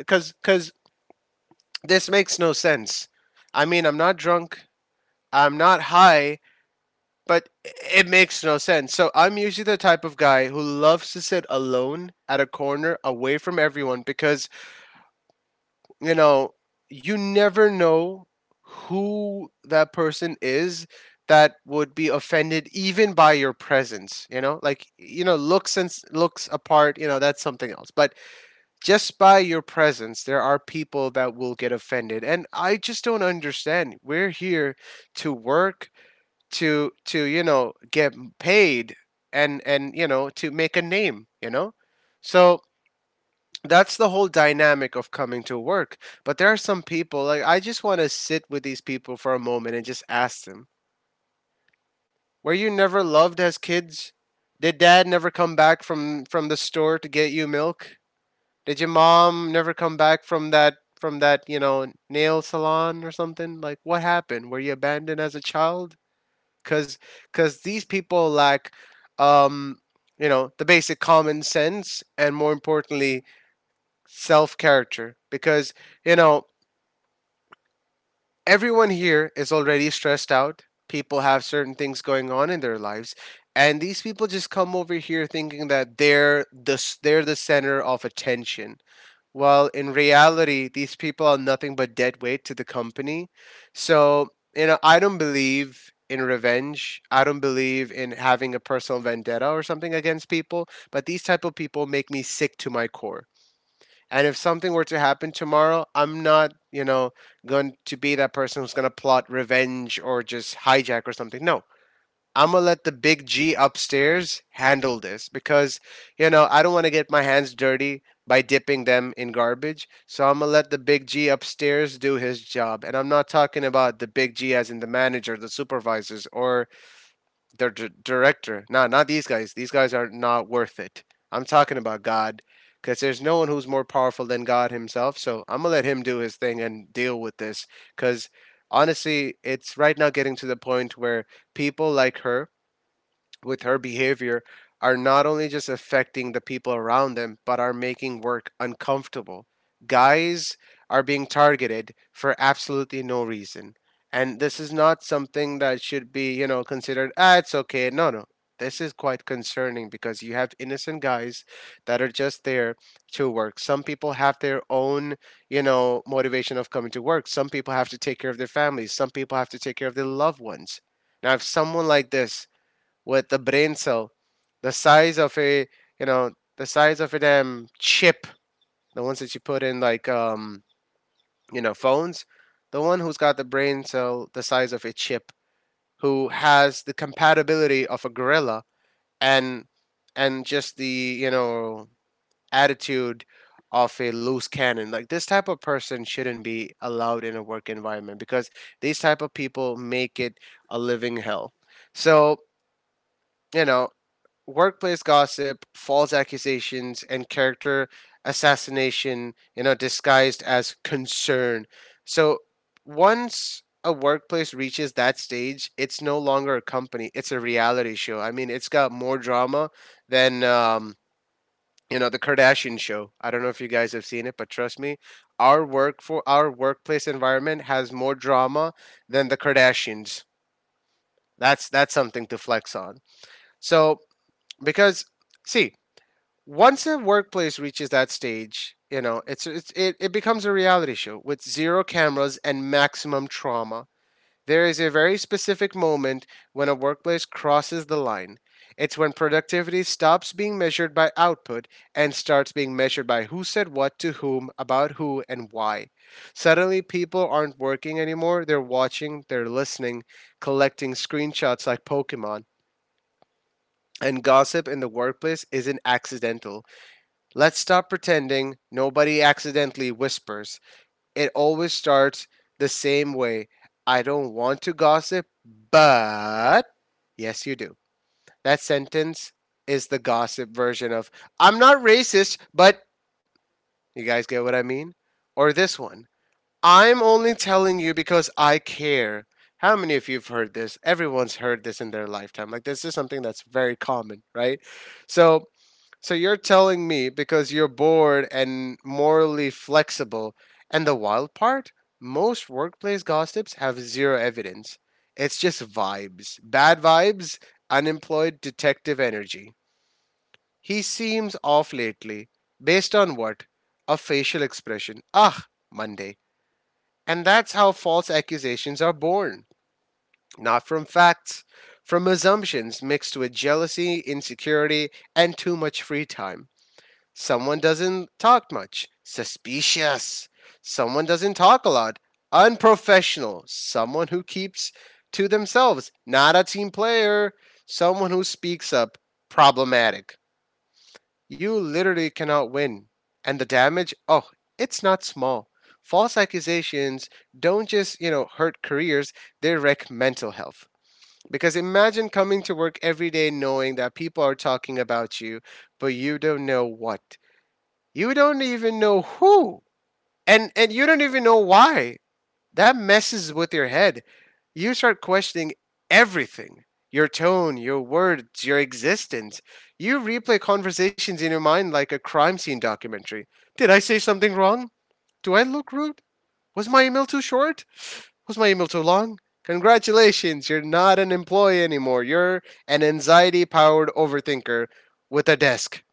S2: Cuz cuz this makes no sense. I mean, I'm not drunk. I'm not high, but it makes no sense. So I'm usually the type of guy who loves to sit alone at a corner away from everyone because, you know, you never know who that person is that would be offended even by your presence, you know? Like, you know, looks and s- looks apart, you know, that's something else. But just by your presence, there are people that will get offended. And I just don't understand. We're here to work, to to you know get paid, and and you know to make a name, you know, so that's the whole dynamic of coming to work, but there are some people, like I just want to sit with these people for a moment and just ask them, were you never loved as kids? Did dad never come back from from the store to get you milk? Did your mom never come back from that, from that you know, nail salon or something? Like what happened, were you abandoned as a child? Because because these people lack, um you know, the basic common sense, and more importantly, self character. Because you know, everyone here is already stressed out, people have certain things going on in their lives, and these people just come over here thinking that they're the s- they're the center of attention, while in reality, these people are nothing but dead weight to the company. So, you know, I don't believe in revenge. I don't believe in having a personal vendetta or something against people, but these type of people make me sick to my core. And if something were to happen tomorrow, I'm not, you know, going to be that person who's going to plot revenge or just hijack or something. No, I'm gonna let the big G upstairs handle this, because you know I don't want to get my hands dirty by dipping them in garbage. So I'm gonna let the big G upstairs do his job, and I'm not talking about the big G as in the manager, the supervisors, or the d- director. No, not these guys. These guys are not worth it. I'm talking about God, because there's no one who's more powerful than God Himself. So I'm gonna let Him do His thing and deal with this, because honestly, it's right now getting to the point where people like her with her behavior are not only just affecting the people around them, but are making work uncomfortable. Guys are being targeted for absolutely no reason. And this is not something that should be, you know, considered, ah, it's okay. No, no. This is quite concerning because you have innocent guys that are just there to work. Some people have their own, you know, motivation of coming to work. Some people have to take care of their families. Some people have to take care of their loved ones. Now, if someone like this with the brain cell the size of a, you know, the size of a damn chip, the ones that you put in like um you know phones, the one who's got the brain cell the size of a chip, who has the compatibility of a gorilla, and and just the, you know, attitude of a loose cannon, like this type of person shouldn't be allowed in a work environment, because these type of people make it a living hell. So, you know, workplace gossip, false accusations, and character assassination, you know, disguised as concern. So once a workplace reaches that stage, it's no longer a company, it's a reality show. I mean, it's got more drama than, um, you know, the Kardashian show. I don't know if you guys have seen it, but trust me, our work for our workplace environment has more drama than the Kardashians. That's that's something to flex on. So, because see, once a workplace reaches that stage, you know, it's, it's it, it becomes a reality show with zero cameras and maximum trauma. There is a very specific moment when a workplace crosses the line. It's when productivity stops being measured by output and starts being measured by who said what to whom, about who, and why. Suddenly, people aren't working anymore. They're watching, they're listening, collecting screenshots like Pokemon. And gossip in the workplace isn't accidental. Let's stop pretending nobody accidentally whispers. It always starts the same way. "I don't want to gossip, but" — yes, you do. That sentence is the gossip version of "I'm not racist, but" — you guys get what I mean? Or this one: "I'm only telling you because I care." How many of you have heard this? Everyone's heard this in their lifetime. Like, this is something that's very common, right? So, so you're telling me because you're bored and morally flexible. And the wild part? Most workplace gossips have zero evidence. It's just vibes. Bad vibes, unemployed detective energy. "He seems off lately." Based on what? A facial expression. Ah, Monday. And that's how false accusations are born. Not from facts, from assumptions mixed with jealousy, insecurity, and too much free time. Someone doesn't talk much. Suspicious. Someone doesn't talk a lot. Unprofessional. Someone who keeps to themselves. Not a team player. Someone who speaks up. Problematic. You literally cannot win. And the damage, oh, it's not small. False accusations don't just, you know, hurt careers, they wreck mental health. Because imagine coming to work every day knowing that people are talking about you, but you don't know what. You don't even know who. And and you don't even know why. That messes with your head. You start questioning everything. Your tone, your words, your existence. You replay conversations in your mind like a crime scene documentary. Did I say something wrong? Do I look rude? Was my email too short? Was my email too long? Congratulations, you're not an employee anymore. You're an anxiety powered overthinker with a desk.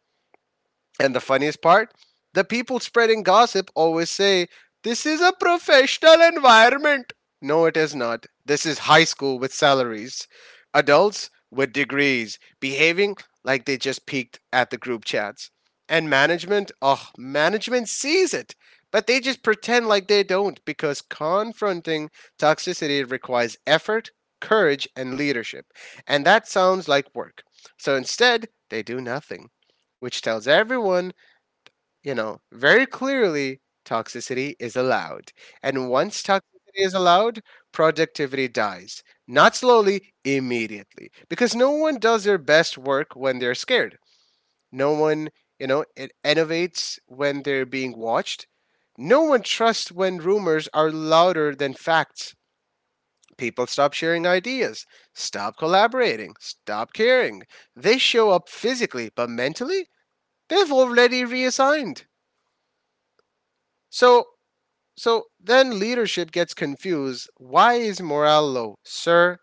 S2: And the funniest part, the people spreading gossip always say, "This is a professional environment." No, it is not. This is high school with salaries, adults with degrees, behaving like they just peeked at the group chats. And management, oh, management sees it, but they just pretend like they don't, because confronting toxicity requires effort, courage, and leadership. And that sounds like work. So instead, they do nothing, which tells everyone, you know, very clearly, toxicity is allowed. And once toxicity is allowed, productivity dies. Not slowly, immediately. Because no one does their best work when they're scared. No one, you know, it innovates when they're being watched. No one trusts when rumors are louder than facts. People stop sharing ideas, stop collaborating, stop caring. They show up physically, but mentally, they've already reassigned. So So then leadership gets confused. Why is morale low? Sir,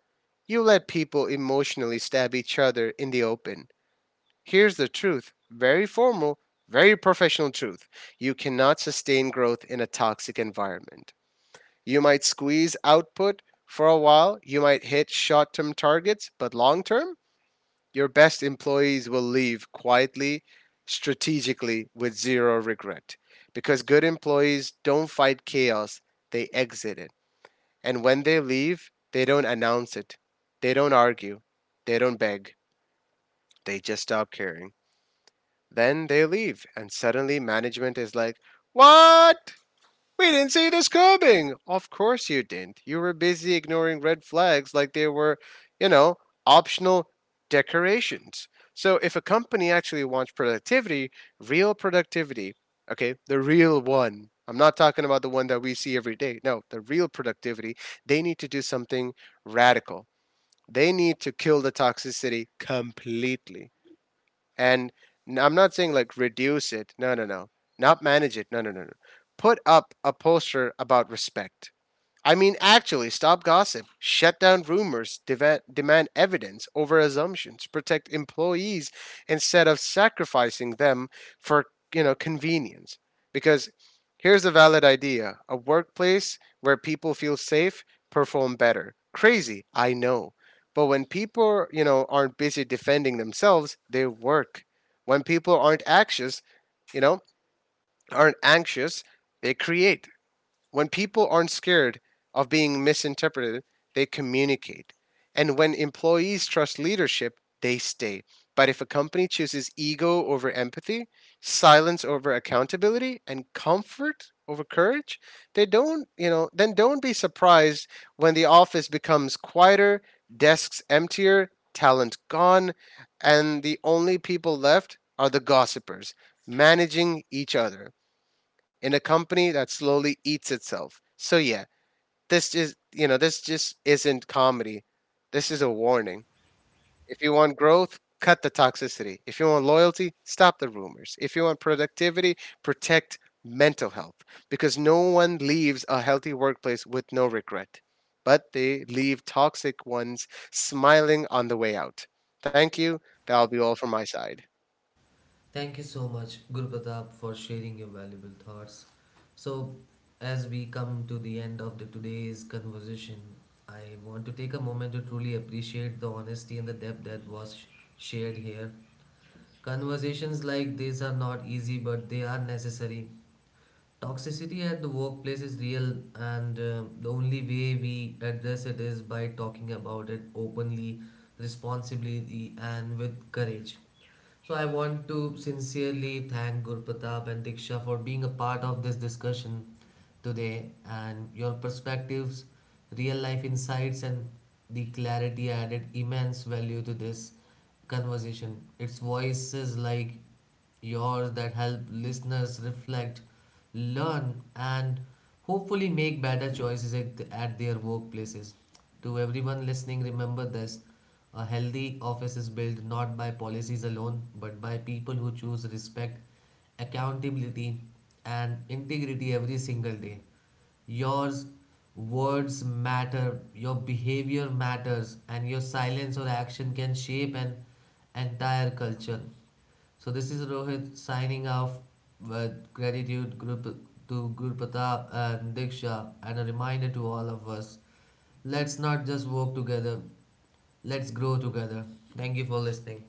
S2: you let people emotionally stab each other in the open. Here's the truth — very formal, very professional truth. You cannot sustain growth in a toxic environment. You might squeeze output for a while, you might hit short term targets, but long term, your best employees will leave quietly, strategically, with zero regret. Because good employees don't fight chaos, they exit it. And when they leave, they don't announce it. They don't argue. They don't beg. They just stop caring. Then they leave, and suddenly management is like, "What? We didn't see this coming." Of course you didn't. You were busy ignoring red flags like they were, you know, optional decorations. So if a company actually wants productivity, real productivity, okay, the real one, I'm not talking about the one that we see every day. No, the real productivity, they need to do something radical. They need to kill the toxicity completely. And n- I'm not saying like reduce it. No, no, no. Not manage it. No, no, no, no. Put up a poster about respect. I mean, actually stop gossip, shut down rumors, deva- demand evidence over assumptions, protect employees instead of sacrificing them for you know convenience. Because here's a valid idea: a workplace where people feel safe perform better. Crazy, I know, but when people, you know aren't busy defending themselves, they work. When people aren't anxious, you know, aren't anxious, they create. When people aren't scared of being misinterpreted, they communicate. And when employees trust leadership, they stay. But if a company chooses ego over empathy, silence over accountability, and comfort over courage, they don't — you know, then don't be surprised when the office becomes quieter, desks emptier, talent gone, and the only people left are the gossipers managing each other in a company that slowly eats itself. So yeah, this is you know this just isn't comedy. This is a warning. If you want growth, cut the toxicity. If you want loyalty, stop the rumors. If you want productivity, protect mental health, because no one leaves a healthy workplace with no regret, but they leave toxic ones smiling on the way out. Thank you. That'll be all from my side.
S1: Thank you so much, Guru Pratap, for sharing your valuable thoughts. So, as we come to the end of the today's conversation, I want to take a moment to truly appreciate the honesty and the depth that was sh- shared here. Conversations like this are not easy, but they are necessary. Toxicity at the workplace is real, and uh, the only way we address it is by talking about it openly, responsibly, and with courage. So I want to sincerely thank Gurpatap and Diksha for being a part of this discussion today and your perspectives, real life insights and the clarity added immense value to this conversation. It's voices like yours that help listeners reflect, learn, and hopefully make better choices at, at their workplaces. To everyone listening, remember this a healthy office is built not by policies alone, but by people who choose respect, accountability, and integrity every single day. Your words matter, your behavior matters, and your silence or action can shape an entire culture. So this is Rohit signing off with gratitude group to Guru Pratap and Diksha and a reminder to all of us. Let's not just work together, let's grow together. Thank you for listening.